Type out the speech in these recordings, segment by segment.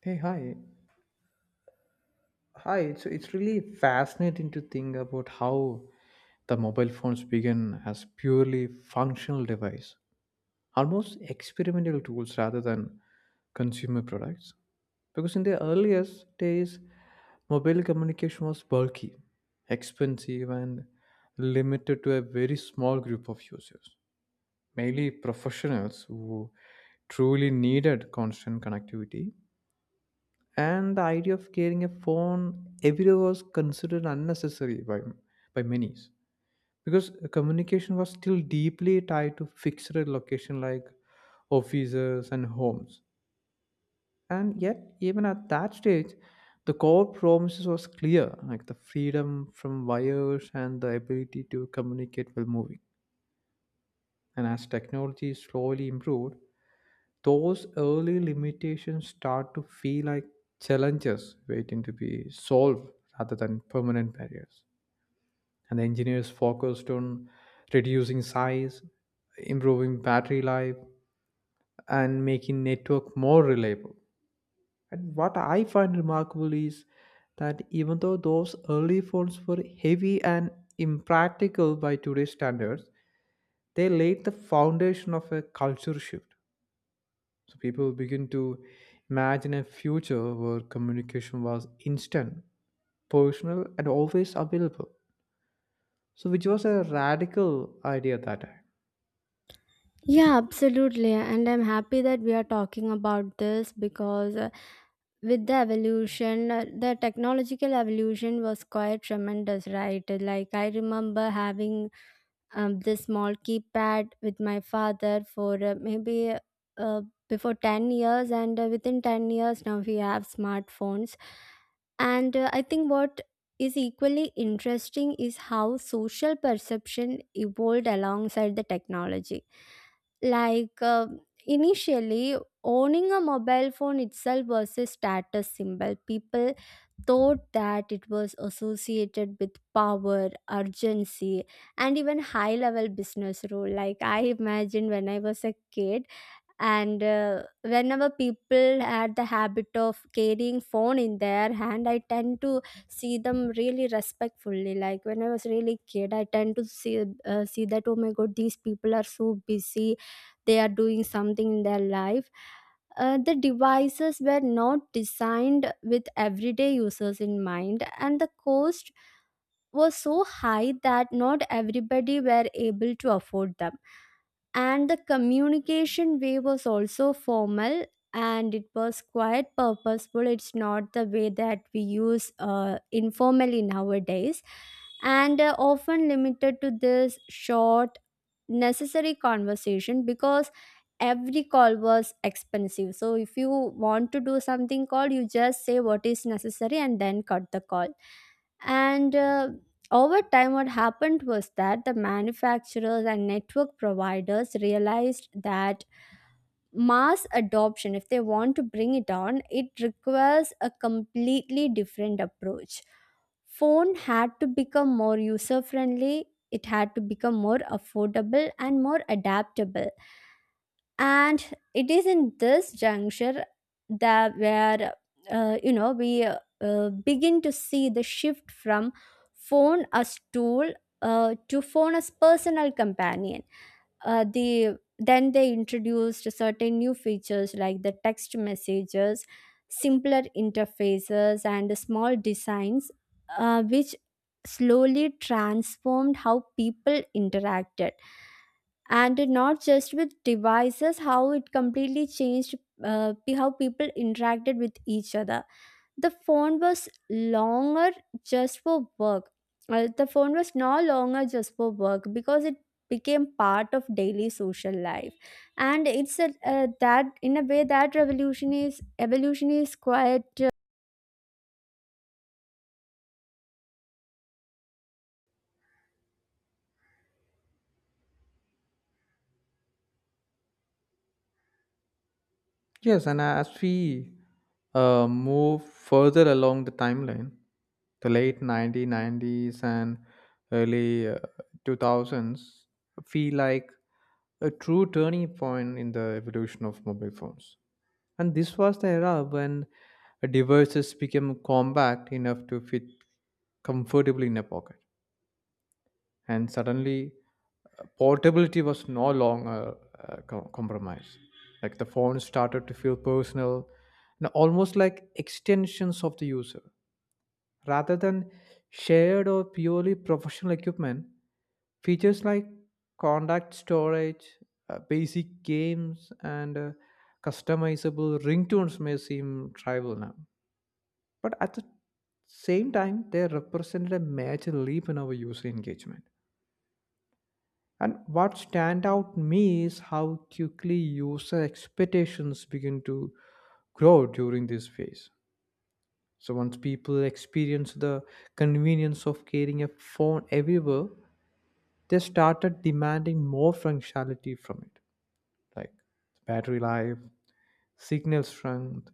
Hey, hi. Hi, it's really fascinating to think about how the mobile phones began as purely functional device, almost experimental tools rather than consumer products. Because in the earliest days, mobile communication was bulky, expensive, and limited to a very small group of users, mainly professionals who truly needed constant connectivity. And the idea of carrying a phone everywhere was considered unnecessary by many, because communication was still deeply tied to fixed location like offices and homes. And yet even at that stage, the core promises was clear, like the freedom from wires and the ability to communicate while moving. And as technology slowly improved, those early limitations start to feel like challenges waiting to be solved rather than permanent barriers. And the engineers focused on reducing size, improving battery life, and making network more reliable. And what I find remarkable is that even though those early phones were heavy and impractical by today's standards, they laid the foundation of a culture shift. So people begin to imagine a future where communication was instant, personal, and always available. So, which was a radical idea at that time. Yeah, absolutely. And I'm happy that we are talking about this because with the evolution, the technological evolution was quite tremendous, right? Like, I remember having the small keypad with my father for maybe uh, before 10 years, and within 10 years now we have smartphones. And I think what is equally interesting is how social perception evolved alongside the technology. like uh, Initially, owning a mobile phone itself was a status symbol. People thought that it was associated with power, urgency, and even high level business role, like I imagined when I was a kid. And whenever people had the habit of carrying phone in their hand, I tend to see them really respectfully. Like when I was really kid, I tend to see that oh my god, these people are so busy, they are doing something in their life. The devices were not designed with everyday users in mind, and the cost were so high that not everybody were able to afford them. And the communication way was also formal, and it was quite purposeful. It's not the way that we use informally nowadays, and often limited to this short, necessary conversation, because every call was expensive. So if you want to do something call, you just say what is necessary and then cut the call. And Over time, what happened was that the manufacturers and network providers realized that mass adoption, if they want to bring it on, it requires a completely different approach. Phone had to become more user friendly, it had to become more affordable and more adaptable, and it is in this juncture that where you know we begin to see the shift from phone as tool to phone as personal companion. Then they introduced certain new features like the text messages, simpler interfaces and small designs, which slowly transformed how people interacted, and not just with devices, how it completely changed how people interacted with each other. The phone was longer just for work. The phone was no longer just for work, because it became part of daily social life. And it's a, that in a way that revolution is evolution is quite. Yes, and as we move further along the timeline, the late 1990s and early 2000s feel like a true turning point in the evolution of mobile phones. And this was the era when devices became compact enough to fit comfortably in a pocket. And suddenly, portability was no longer a compromise. Like the phone started to feel personal, and almost like extensions of the user. Rather than shared or purely professional equipment, features like contact storage, basic games, and customizable ringtones may seem trivial now. But at the same time, they represented a major leap in our user engagement. And what stand out me is how quickly user expectations begin to grow during this phase. So once people experience the convenience of carrying a phone everywhere, they started demanding more functionality from it, like battery life, signal strength,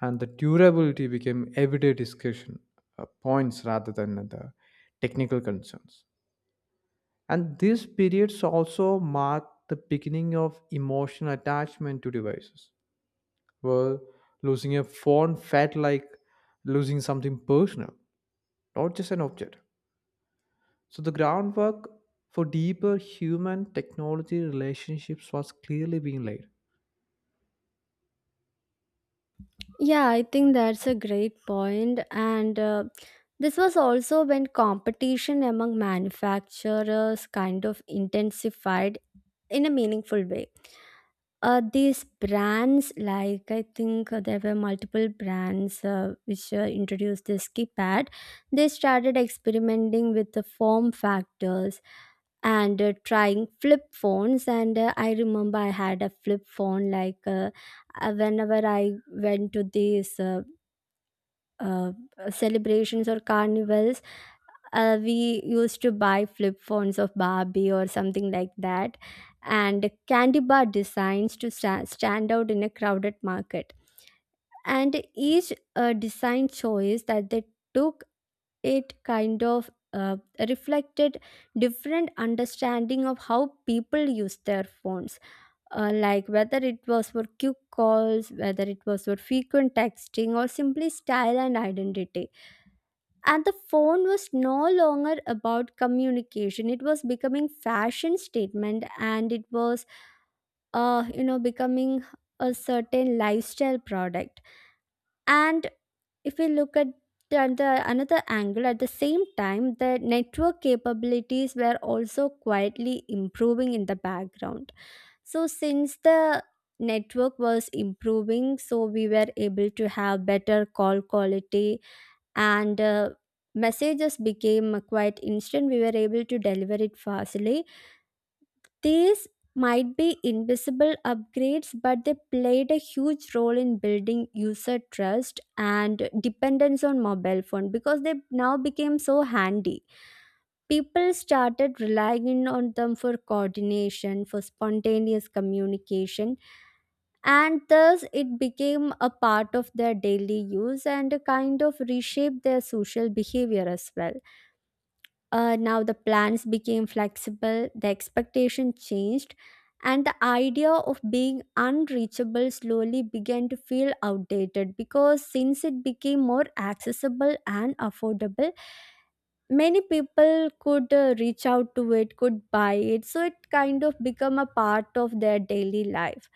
and the durability became everyday discussion points rather than the technical concerns. And these periods also mark the beginning of emotional attachment to devices, where losing a phone felt like losing something personal, not just an object. So the groundwork for deeper human technology relationships was clearly being laid. Yeah, I think that's a great point. And this was also when competition among manufacturers kind of intensified in a meaningful way. These brands, like I think there were multiple brands which introduced this keypad, they started experimenting with the form factors and trying flip phones. And I remember I had a flip phone like whenever I went to these uh, celebrations or carnivals, we used to buy flip phones of Barbie or something like that, and candy bar designs to stand out in a crowded market. And each design choice that they took, it kind of reflected different understanding of how people use their phones, like whether it was for quick calls, whether it was for frequent texting, or simply style and identity. And the phone was no longer about communication, it was becoming fashion statement, and it was becoming a certain lifestyle product. And if we look at the another angle, at the same time the network capabilities were also quietly improving in the background. So since the network was improving, so we were able to have better call quality, and messages became quite instant, we were able to deliver it fastly. These might be invisible upgrades, but they played a huge role in building user trust and dependence on mobile phone because they now became so handy. People started relying on them for coordination, for spontaneous communication, and thus it became a part of their daily use and kind of reshaped their social behavior as well. Now the plans became flexible, the expectation changed, and the idea of being unreachable slowly began to feel outdated, because since it became more accessible and affordable, many people could reach out to it, could buy it, so it kind of become a part of their daily life.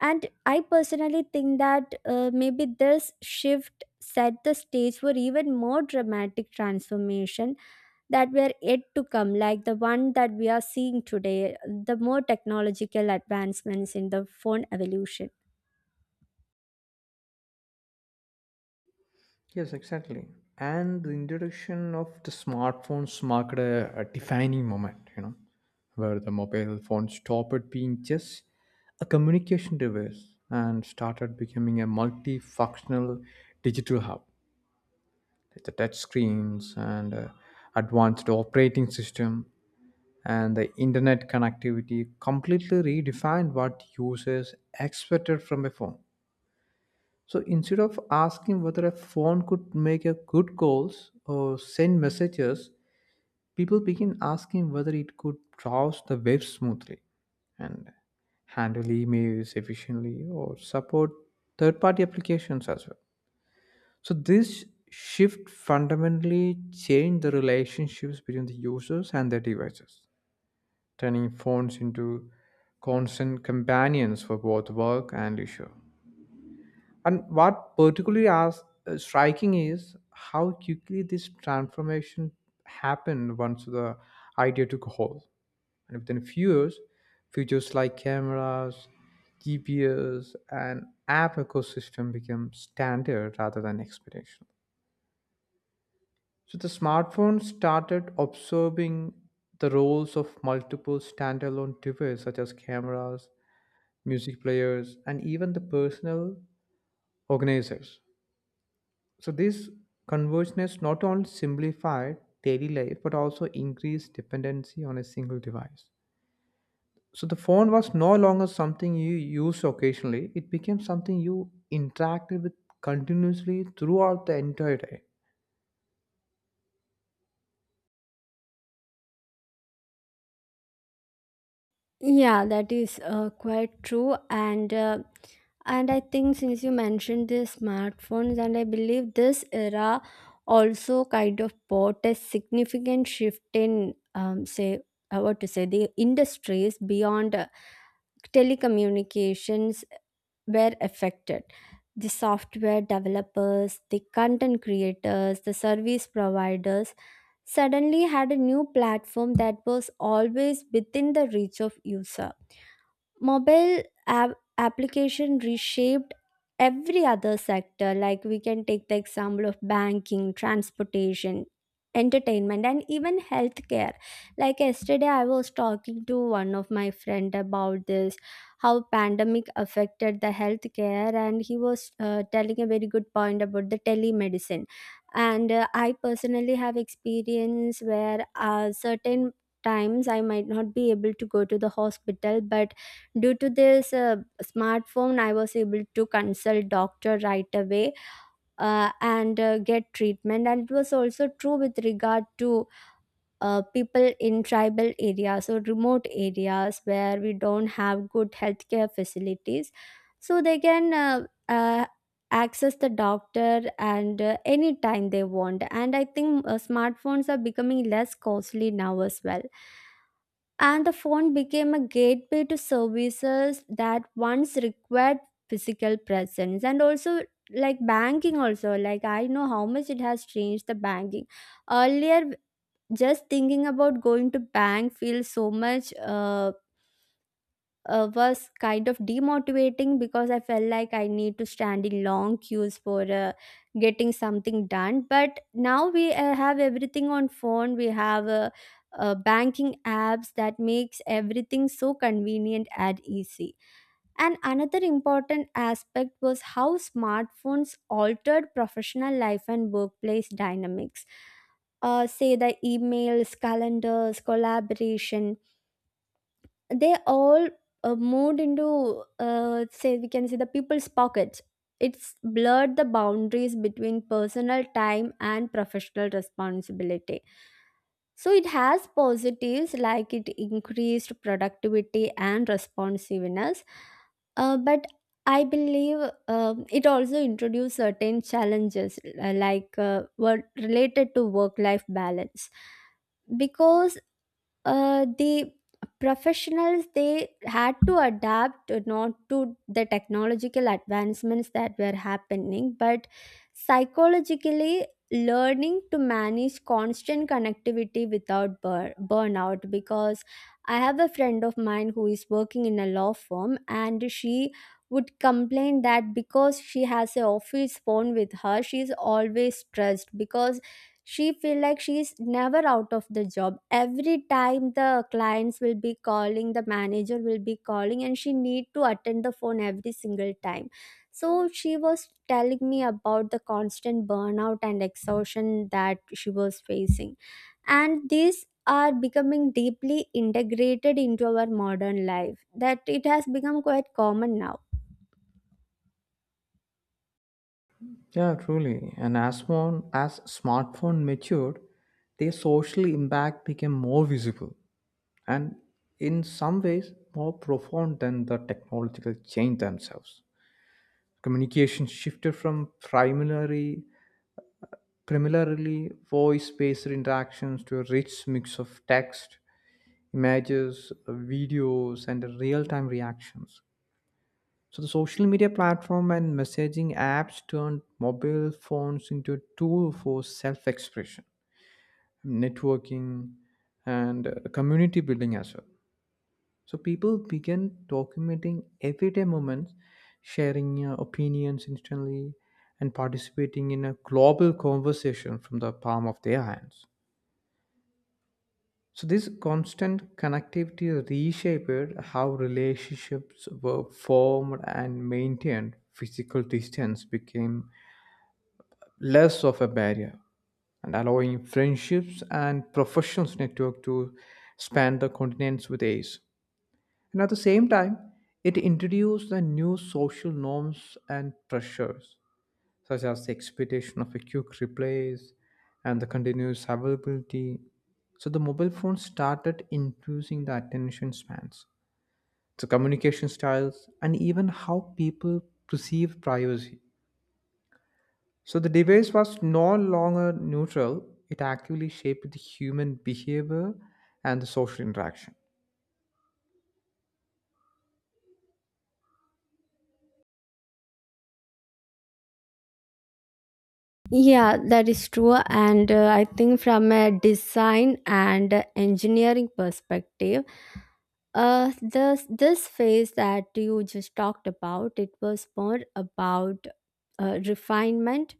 And I personally think that maybe this shift set the stage for even more dramatic transformation that were yet to come, like the one that we are seeing today, the more technological advancements in the phone evolution. Yes, exactly. And the introduction of the smartphones marked a defining moment, you know, where the mobile phone stopped being just a communication device and started becoming a multifunctional digital hub. The touch screens and advanced operating system and the internet connectivity completely redefined what users expected from a phone. So instead of asking whether a phone could make a good calls or send messages, people begin asking whether it could browse the web smoothly and handle emails efficiently or support third-party applications as well. So this shift fundamentally changed the relationships between the users and their devices, turning phones into constant companions for both work and leisure. And what particularly as striking is how quickly this transformation happened once the idea took hold. And within a few years, features like cameras, GPS, and app ecosystem became standard rather than expectation. So the smartphone started absorbing the roles of multiple standalone devices such as cameras, music players, and even the personal organizers. So this convergence not only simplified daily life but also increased dependency on a single device. So the phone was no longer something you used occasionally, it became something you interacted with continuously throughout the entire day. Yeah, that is quite true. And I think since you mentioned the smartphones, and I believe this era also kind of brought a significant shift in, say, what to say, the industries beyond telecommunications were affected. The software developers, the content creators, the service providers suddenly had a new platform that was always within the reach of user. Mobile app application reshaped every other sector. Like we can take the example of banking, transportation, entertainment, and even healthcare. Like yesterday I was talking to one of my friend about this, how pandemic affected the healthcare, and he was telling a very good point about the telemedicine. And I personally have experience where certain times I might not be able to go to the hospital, but due to this smartphone I was able to consult doctor right away, and get treatment. And it was also true with regard to people in tribal areas or remote areas where we don't have good healthcare facilities, so they can uh, access the doctor and anytime they want. And I think smartphones are becoming less costly now as well, and the phone became a gateway to services that once required physical presence. And also like banking also, like I know how much it has changed the banking. Earlier, just thinking about going to bank feels so much was kind of demotivating, because I felt like I need to stand in long queues for getting something done. But now we have everything on phone. We have banking apps that makes everything so convenient and easy. And another important aspect was how smartphones altered professional life and workplace dynamics. Say the emails, calendars, collaboration, they all moved into say we can say the people's pockets. It's blurred the boundaries between personal time and professional responsibility. So it has positives, like it increased productivity and responsiveness, but I believe it also introduced certain challenges, were related to work life balance, because the professionals, they had to adapt not to the technological advancements that were happening, but psychologically, learning to manage constant connectivity without burnout. Because I have a friend of mine who is working in a law firm, and she would complain that because she has a office phone with her, she is always stressed, because she feel like she's never out of the job. Every time the clients will be calling, the manager will be calling, and she need to attend the phone every single time. So she was telling me about the constant burnout and exhaustion that she was facing, and these are becoming deeply integrated into our modern life that it has become quite common now. Yeah, truly. And as phone as smartphone matured, their social impact became more visible, and in some ways more profound than the technological change themselves. Communication shifted from primarily voice based interactions to a rich mix of text, images, videos, and real time reactions. So, the social media platform and messaging apps turned mobile phones into a tool for self expression, networking, and community building as well. So people began documenting everyday moments, sharing opinions instantly, and participating in a global conversation from the palm of their hands. So this constant connectivity reshaped how relationships were formed and maintained. Physical distance became less of a barrier and allowing friendships and professional network to span the continents with ease. And at the same time, it introduced the new social norms and pressures, such as the expectation of a quick replies and the continuous availability. So the mobile phone started influencing the attention spans, the communication styles, and even how people perceive privacy. So the device was no longer neutral, it actively shaped the human behavior and the social interaction. Yeah, that is true. And I think from a design and engineering perspective, this phase that you just talked about, it was more about refinement,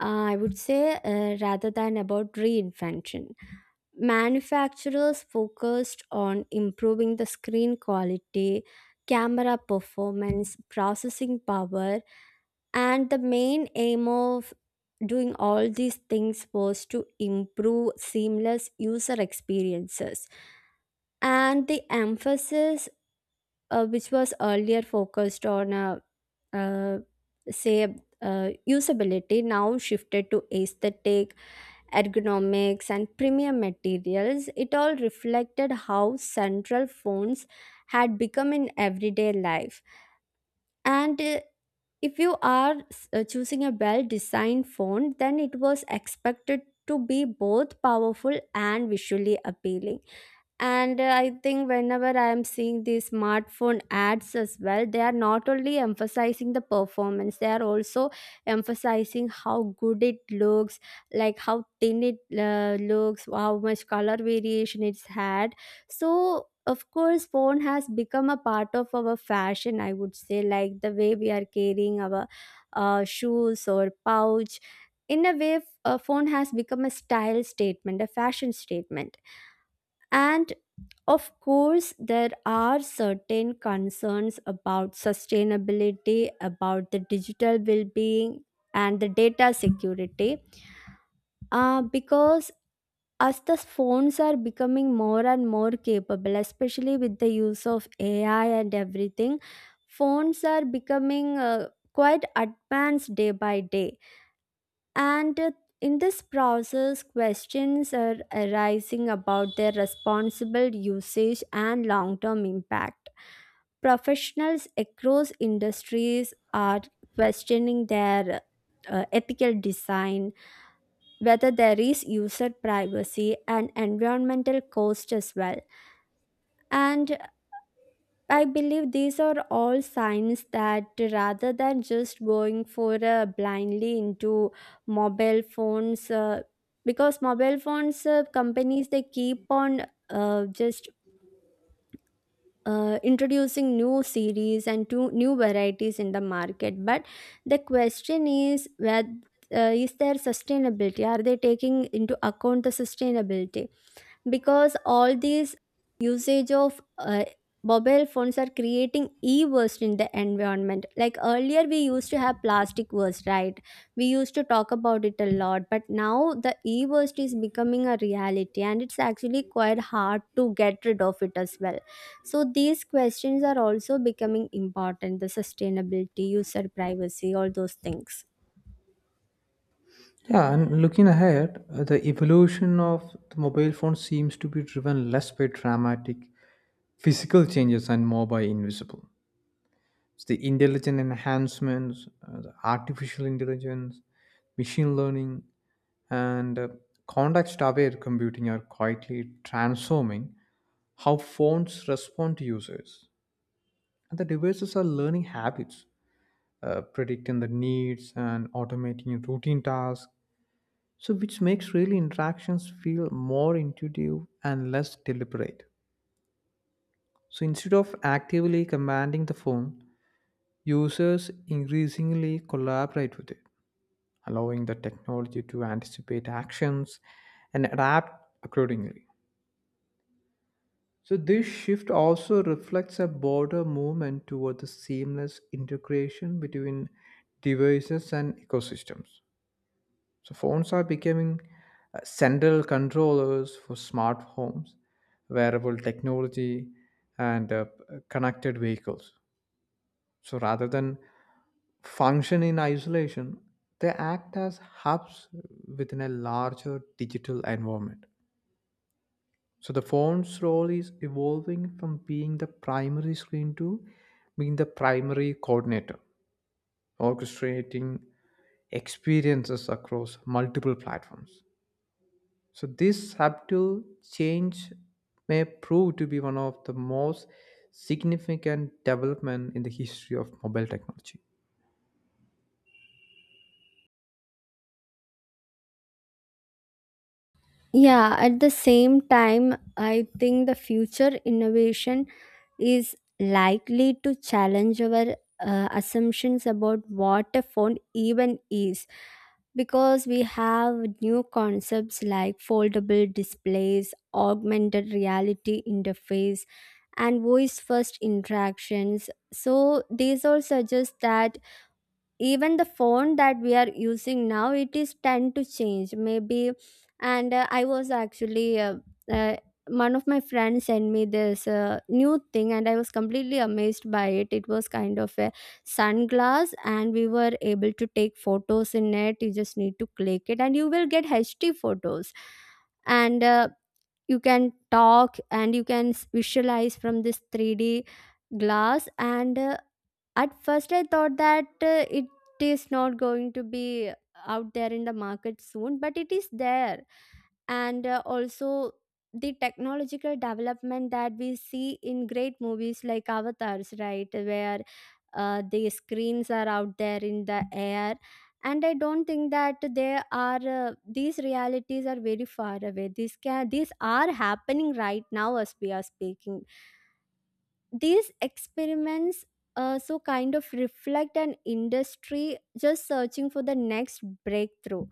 I would say, rather than about reinvention. Manufacturers focused on improving the screen quality, camera performance, processing power, and the main aim of doing all these things was to improve seamless user experiences. And the emphasis which was earlier focused on uh, say usability, now shifted to aesthetic, ergonomics and premium materials. It all reflected how central phones had become in everyday life. And if you are choosing a well designed font, then it was expected to be both powerful and visually appealing. And I think whenever I am seeing these smartphone ads as well, they are not only emphasizing the performance, they are also emphasizing how good it looks, like how thin it looks, how much color variation it's had. So of course phone has become a part of our fashion, I would say, like the way we are carrying our shoes or pouch, in a way a phone has become a style statement, a fashion statement. And of course, there are certain concerns about sustainability, about the digital well being, and the data security, because as the phones are becoming more and more capable, especially with the use of AI and everything, phones are becoming quite advanced day by day. And in this process, questions are arising about their responsible usage and long term impact. Professionals across industries are questioning their ethical design, whether there is user privacy and environmental cost as well. And I believe these are all signs that rather than just going for blindly into mobile phones, because mobile phones companies they keep on just introducing new series and two new varieties in the market. But the question is whether is there sustainability? Are they taking into account the sustainability? Because all these usage of mobile phones are creating e-waste in the environment. Like earlier we used to have plastic waste, right, we used to talk about it a lot, but now the e-waste is becoming a reality and it's actually quite hard to get rid of it as well. So these questions are also becoming important, the sustainability, user privacy, all those things. Yeah, and looking ahead, the evolution of the mobile phone seems to be driven less by dramatic physical changes and more by invisible. It's the intelligent enhancements, the artificial intelligence, machine learning, and context aware computing are quietly transforming how phones respond to users. And the devices are learning habits, predicting the needs, and automating routine tasks. So, which makes really interactions feel more intuitive and less deliberate. So, instead of actively commanding the phone, users increasingly collaborate with it, allowing the technology to anticipate actions and adapt accordingly. So, this shift also reflects a broader movement toward the seamless integration between devices and ecosystems. So phones are becoming central controllers for smart homes, wearable technology, and connected vehicles. So rather than function in isolation, they act as hubs within a larger digital environment. So the phone's role is evolving from being the primary screen to being the primary coordinator, orchestrating experiences across multiple platforms. So this subtle change may prove to be one of the most significant development in the history of mobile technology. Yeah, at the same time, I think the future innovation is likely to challenge our assumptions about what a phone even is, because we have new concepts like foldable displays, augmented reality interface, and voice first interactions. So, these all suggest that even the phone that we are using now, it is tend to change maybe. And uh, i was actually uh, uh, one of my friends sent me this new thing and I was completely amazed by it. It was kind of a sunglass and we were able to take photos in it. You just need to click it and you will get hd photos. And you can talk and you can visualize from this 3D glass. And at first I thought that uh, it it is not going to be out there in the market soon, but it is there. And also the technological development that we see in great movies like avatars, right, where the screens are out there in the air. And I don't think that they are these realities are very far away. These can these are happening right now as we are speaking. These experiments, so kind of reflect an industry just searching for the next breakthrough.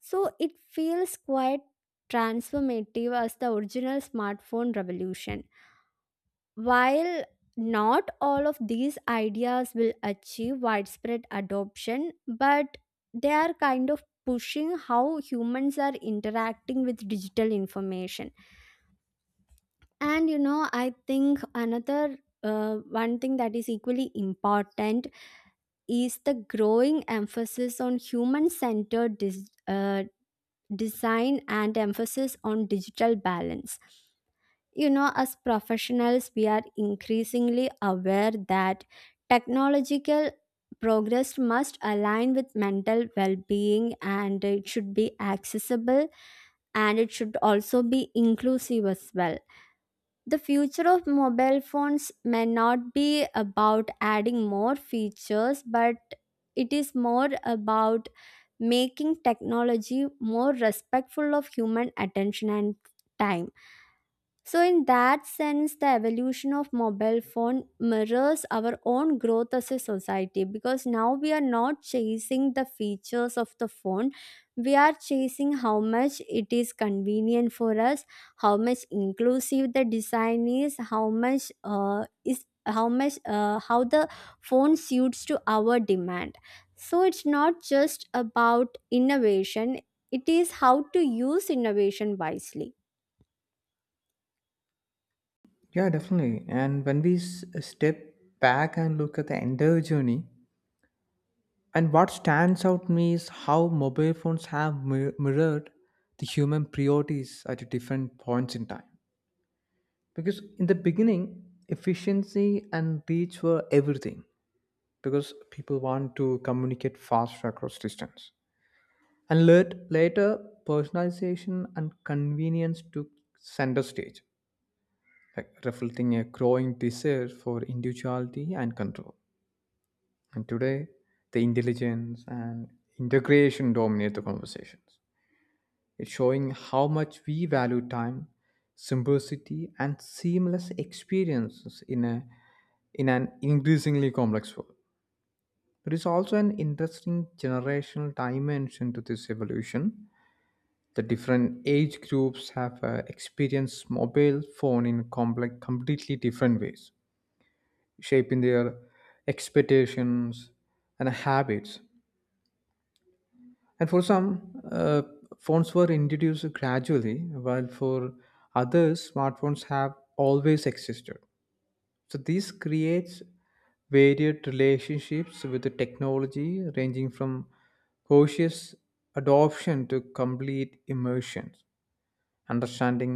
So it feels quite transformative as the original smartphone revolution. While not all of these ideas will achieve widespread adoption, but they are kind of pushing how humans are interacting with digital information. And I think another one thing that is equally important is the growing emphasis on human centered design and emphasis on digital balance. You know, as professionals, we are increasingly aware that technological progress must align with mental well being, and it should be accessible and it should also be inclusive as well. The future of mobile phones may not be about adding more features, but it is more about making technology more respectful of human attention and time. So, in that sense, the evolution of mobile phone mirrors our own growth as a society, because now we are not chasing the features of the phone. We are chasing how much it is convenient for us, how much inclusive the design is, how much how the phone suits to our demand. So it's not just about innovation; it is how to use innovation wisely. Yeah, definitely. And when we step back and look at the entire journey, and what stands out to me is how mobile phones have mirrored the human priorities at different points in time. Because in the beginning, efficiency and reach were everything, because people want to communicate faster across distance. And later, personalization and convenience took center stage, like reflecting a growing desire for individuality and control. And today, the intelligence and integration dominate the conversations. It's showing how much we value time, simplicity, and seamless experiences in a in an increasingly complex world. There is also an interesting generational dimension to this evolution. The different age groups have experienced mobile phone in completely different ways, shaping their expectations and habits. And for some, phones were introduced gradually, while for others, smartphones have always existed. So this creates varied relationships with the technology, ranging from cautious adoption to complete immersion. Understanding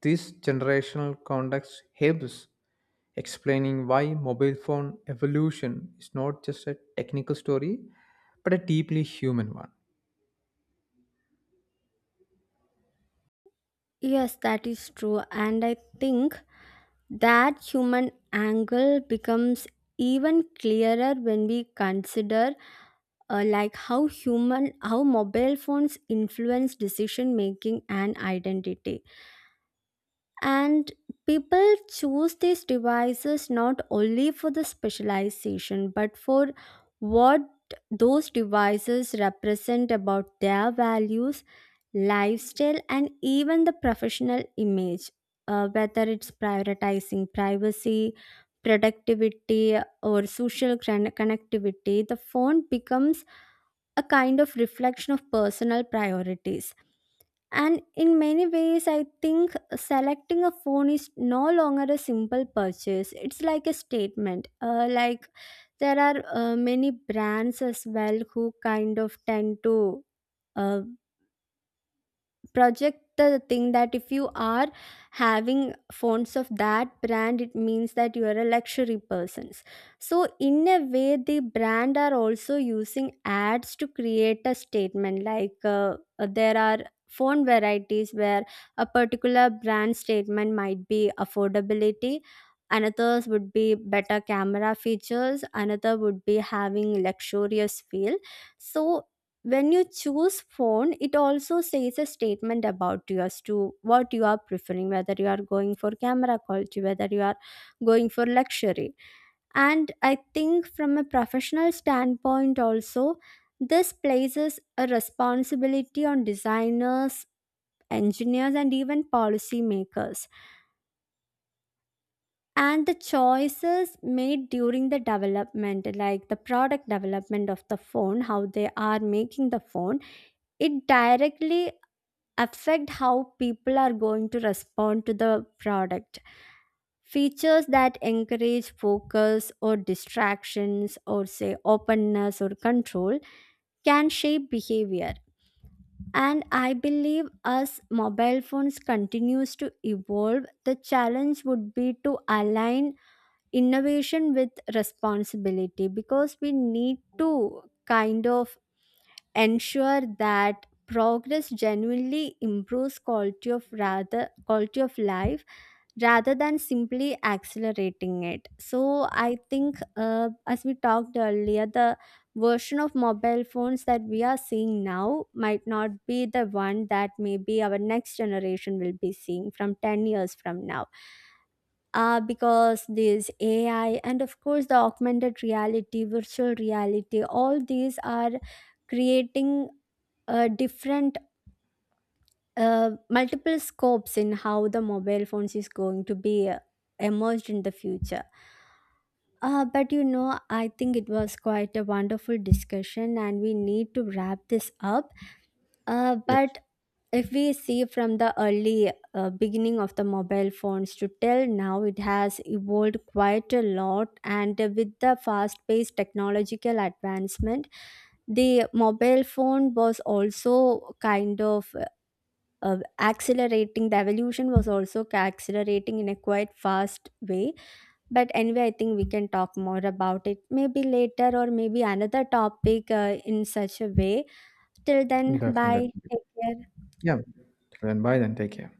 this generational context helps explaining why mobile phone evolution is not just a technical story, but a deeply human one. Yes, that is true. And I think that human angle becomes even clearer when we consider, like, how human, how mobile phones influence decision making and identity. And people choose these devices not only for the specialization but for what those devices represent about their values, lifestyle, and even the professional image. Whether it's prioritizing privacy, productivity, or social connectivity, the phone becomes a kind of reflection of personal priorities. And in many ways, I think selecting a phone is no longer a simple purchase. It's like a statement. Like, there are many brands as well who kind of tend to uh, project the thing that if you are having phones of that brand, it means that you are a luxury persons. So in a way the brand are also using ads to create a statement like, there are phone varieties where a particular brand statement might be affordability. Another would be better camera features, another would be having luxurious feel. So when you choose phone it also says a statement about you as to what you are preferring, whether you are going for camera quality, whether you are going for luxury. And I think from a professional standpoint also, this places a responsibility on designers, engineers, and even policy makers. And the choices made during the development, like the product development of the phone, how they are making the phone, it directly affect how people are going to respond to the product. Features that encourage focus or distractions, or say openness or control, can shape behavior. And I believe as mobile phones continues to evolve, the challenge would be to align innovation with responsibility, because we need to kind of ensure that progress genuinely improves quality of, rather, quality of life rather than simply accelerating it. So I think, as we talked earlier, the version of mobile phones that we are seeing now might not be the one that maybe our next generation will be seeing from 10 years from now. Because this AI and of course the augmented reality, virtual reality, all these are creating different multiple scopes in how the mobile phones is going to be emerged in the future. But I think it was quite a wonderful discussion, and we need to wrap this up. But if we see from the early beginning of the mobile phones to till now, it has evolved quite a lot. And with the fast paced technological advancement, the mobile phone was also kind of accelerating. The evolution was also accelerating in a quite fast way. But anyway, I think we can talk more about it maybe later or maybe another topic in such a way. Till then, bye, Definitely. take care. Yeah. Then bye then. Take care.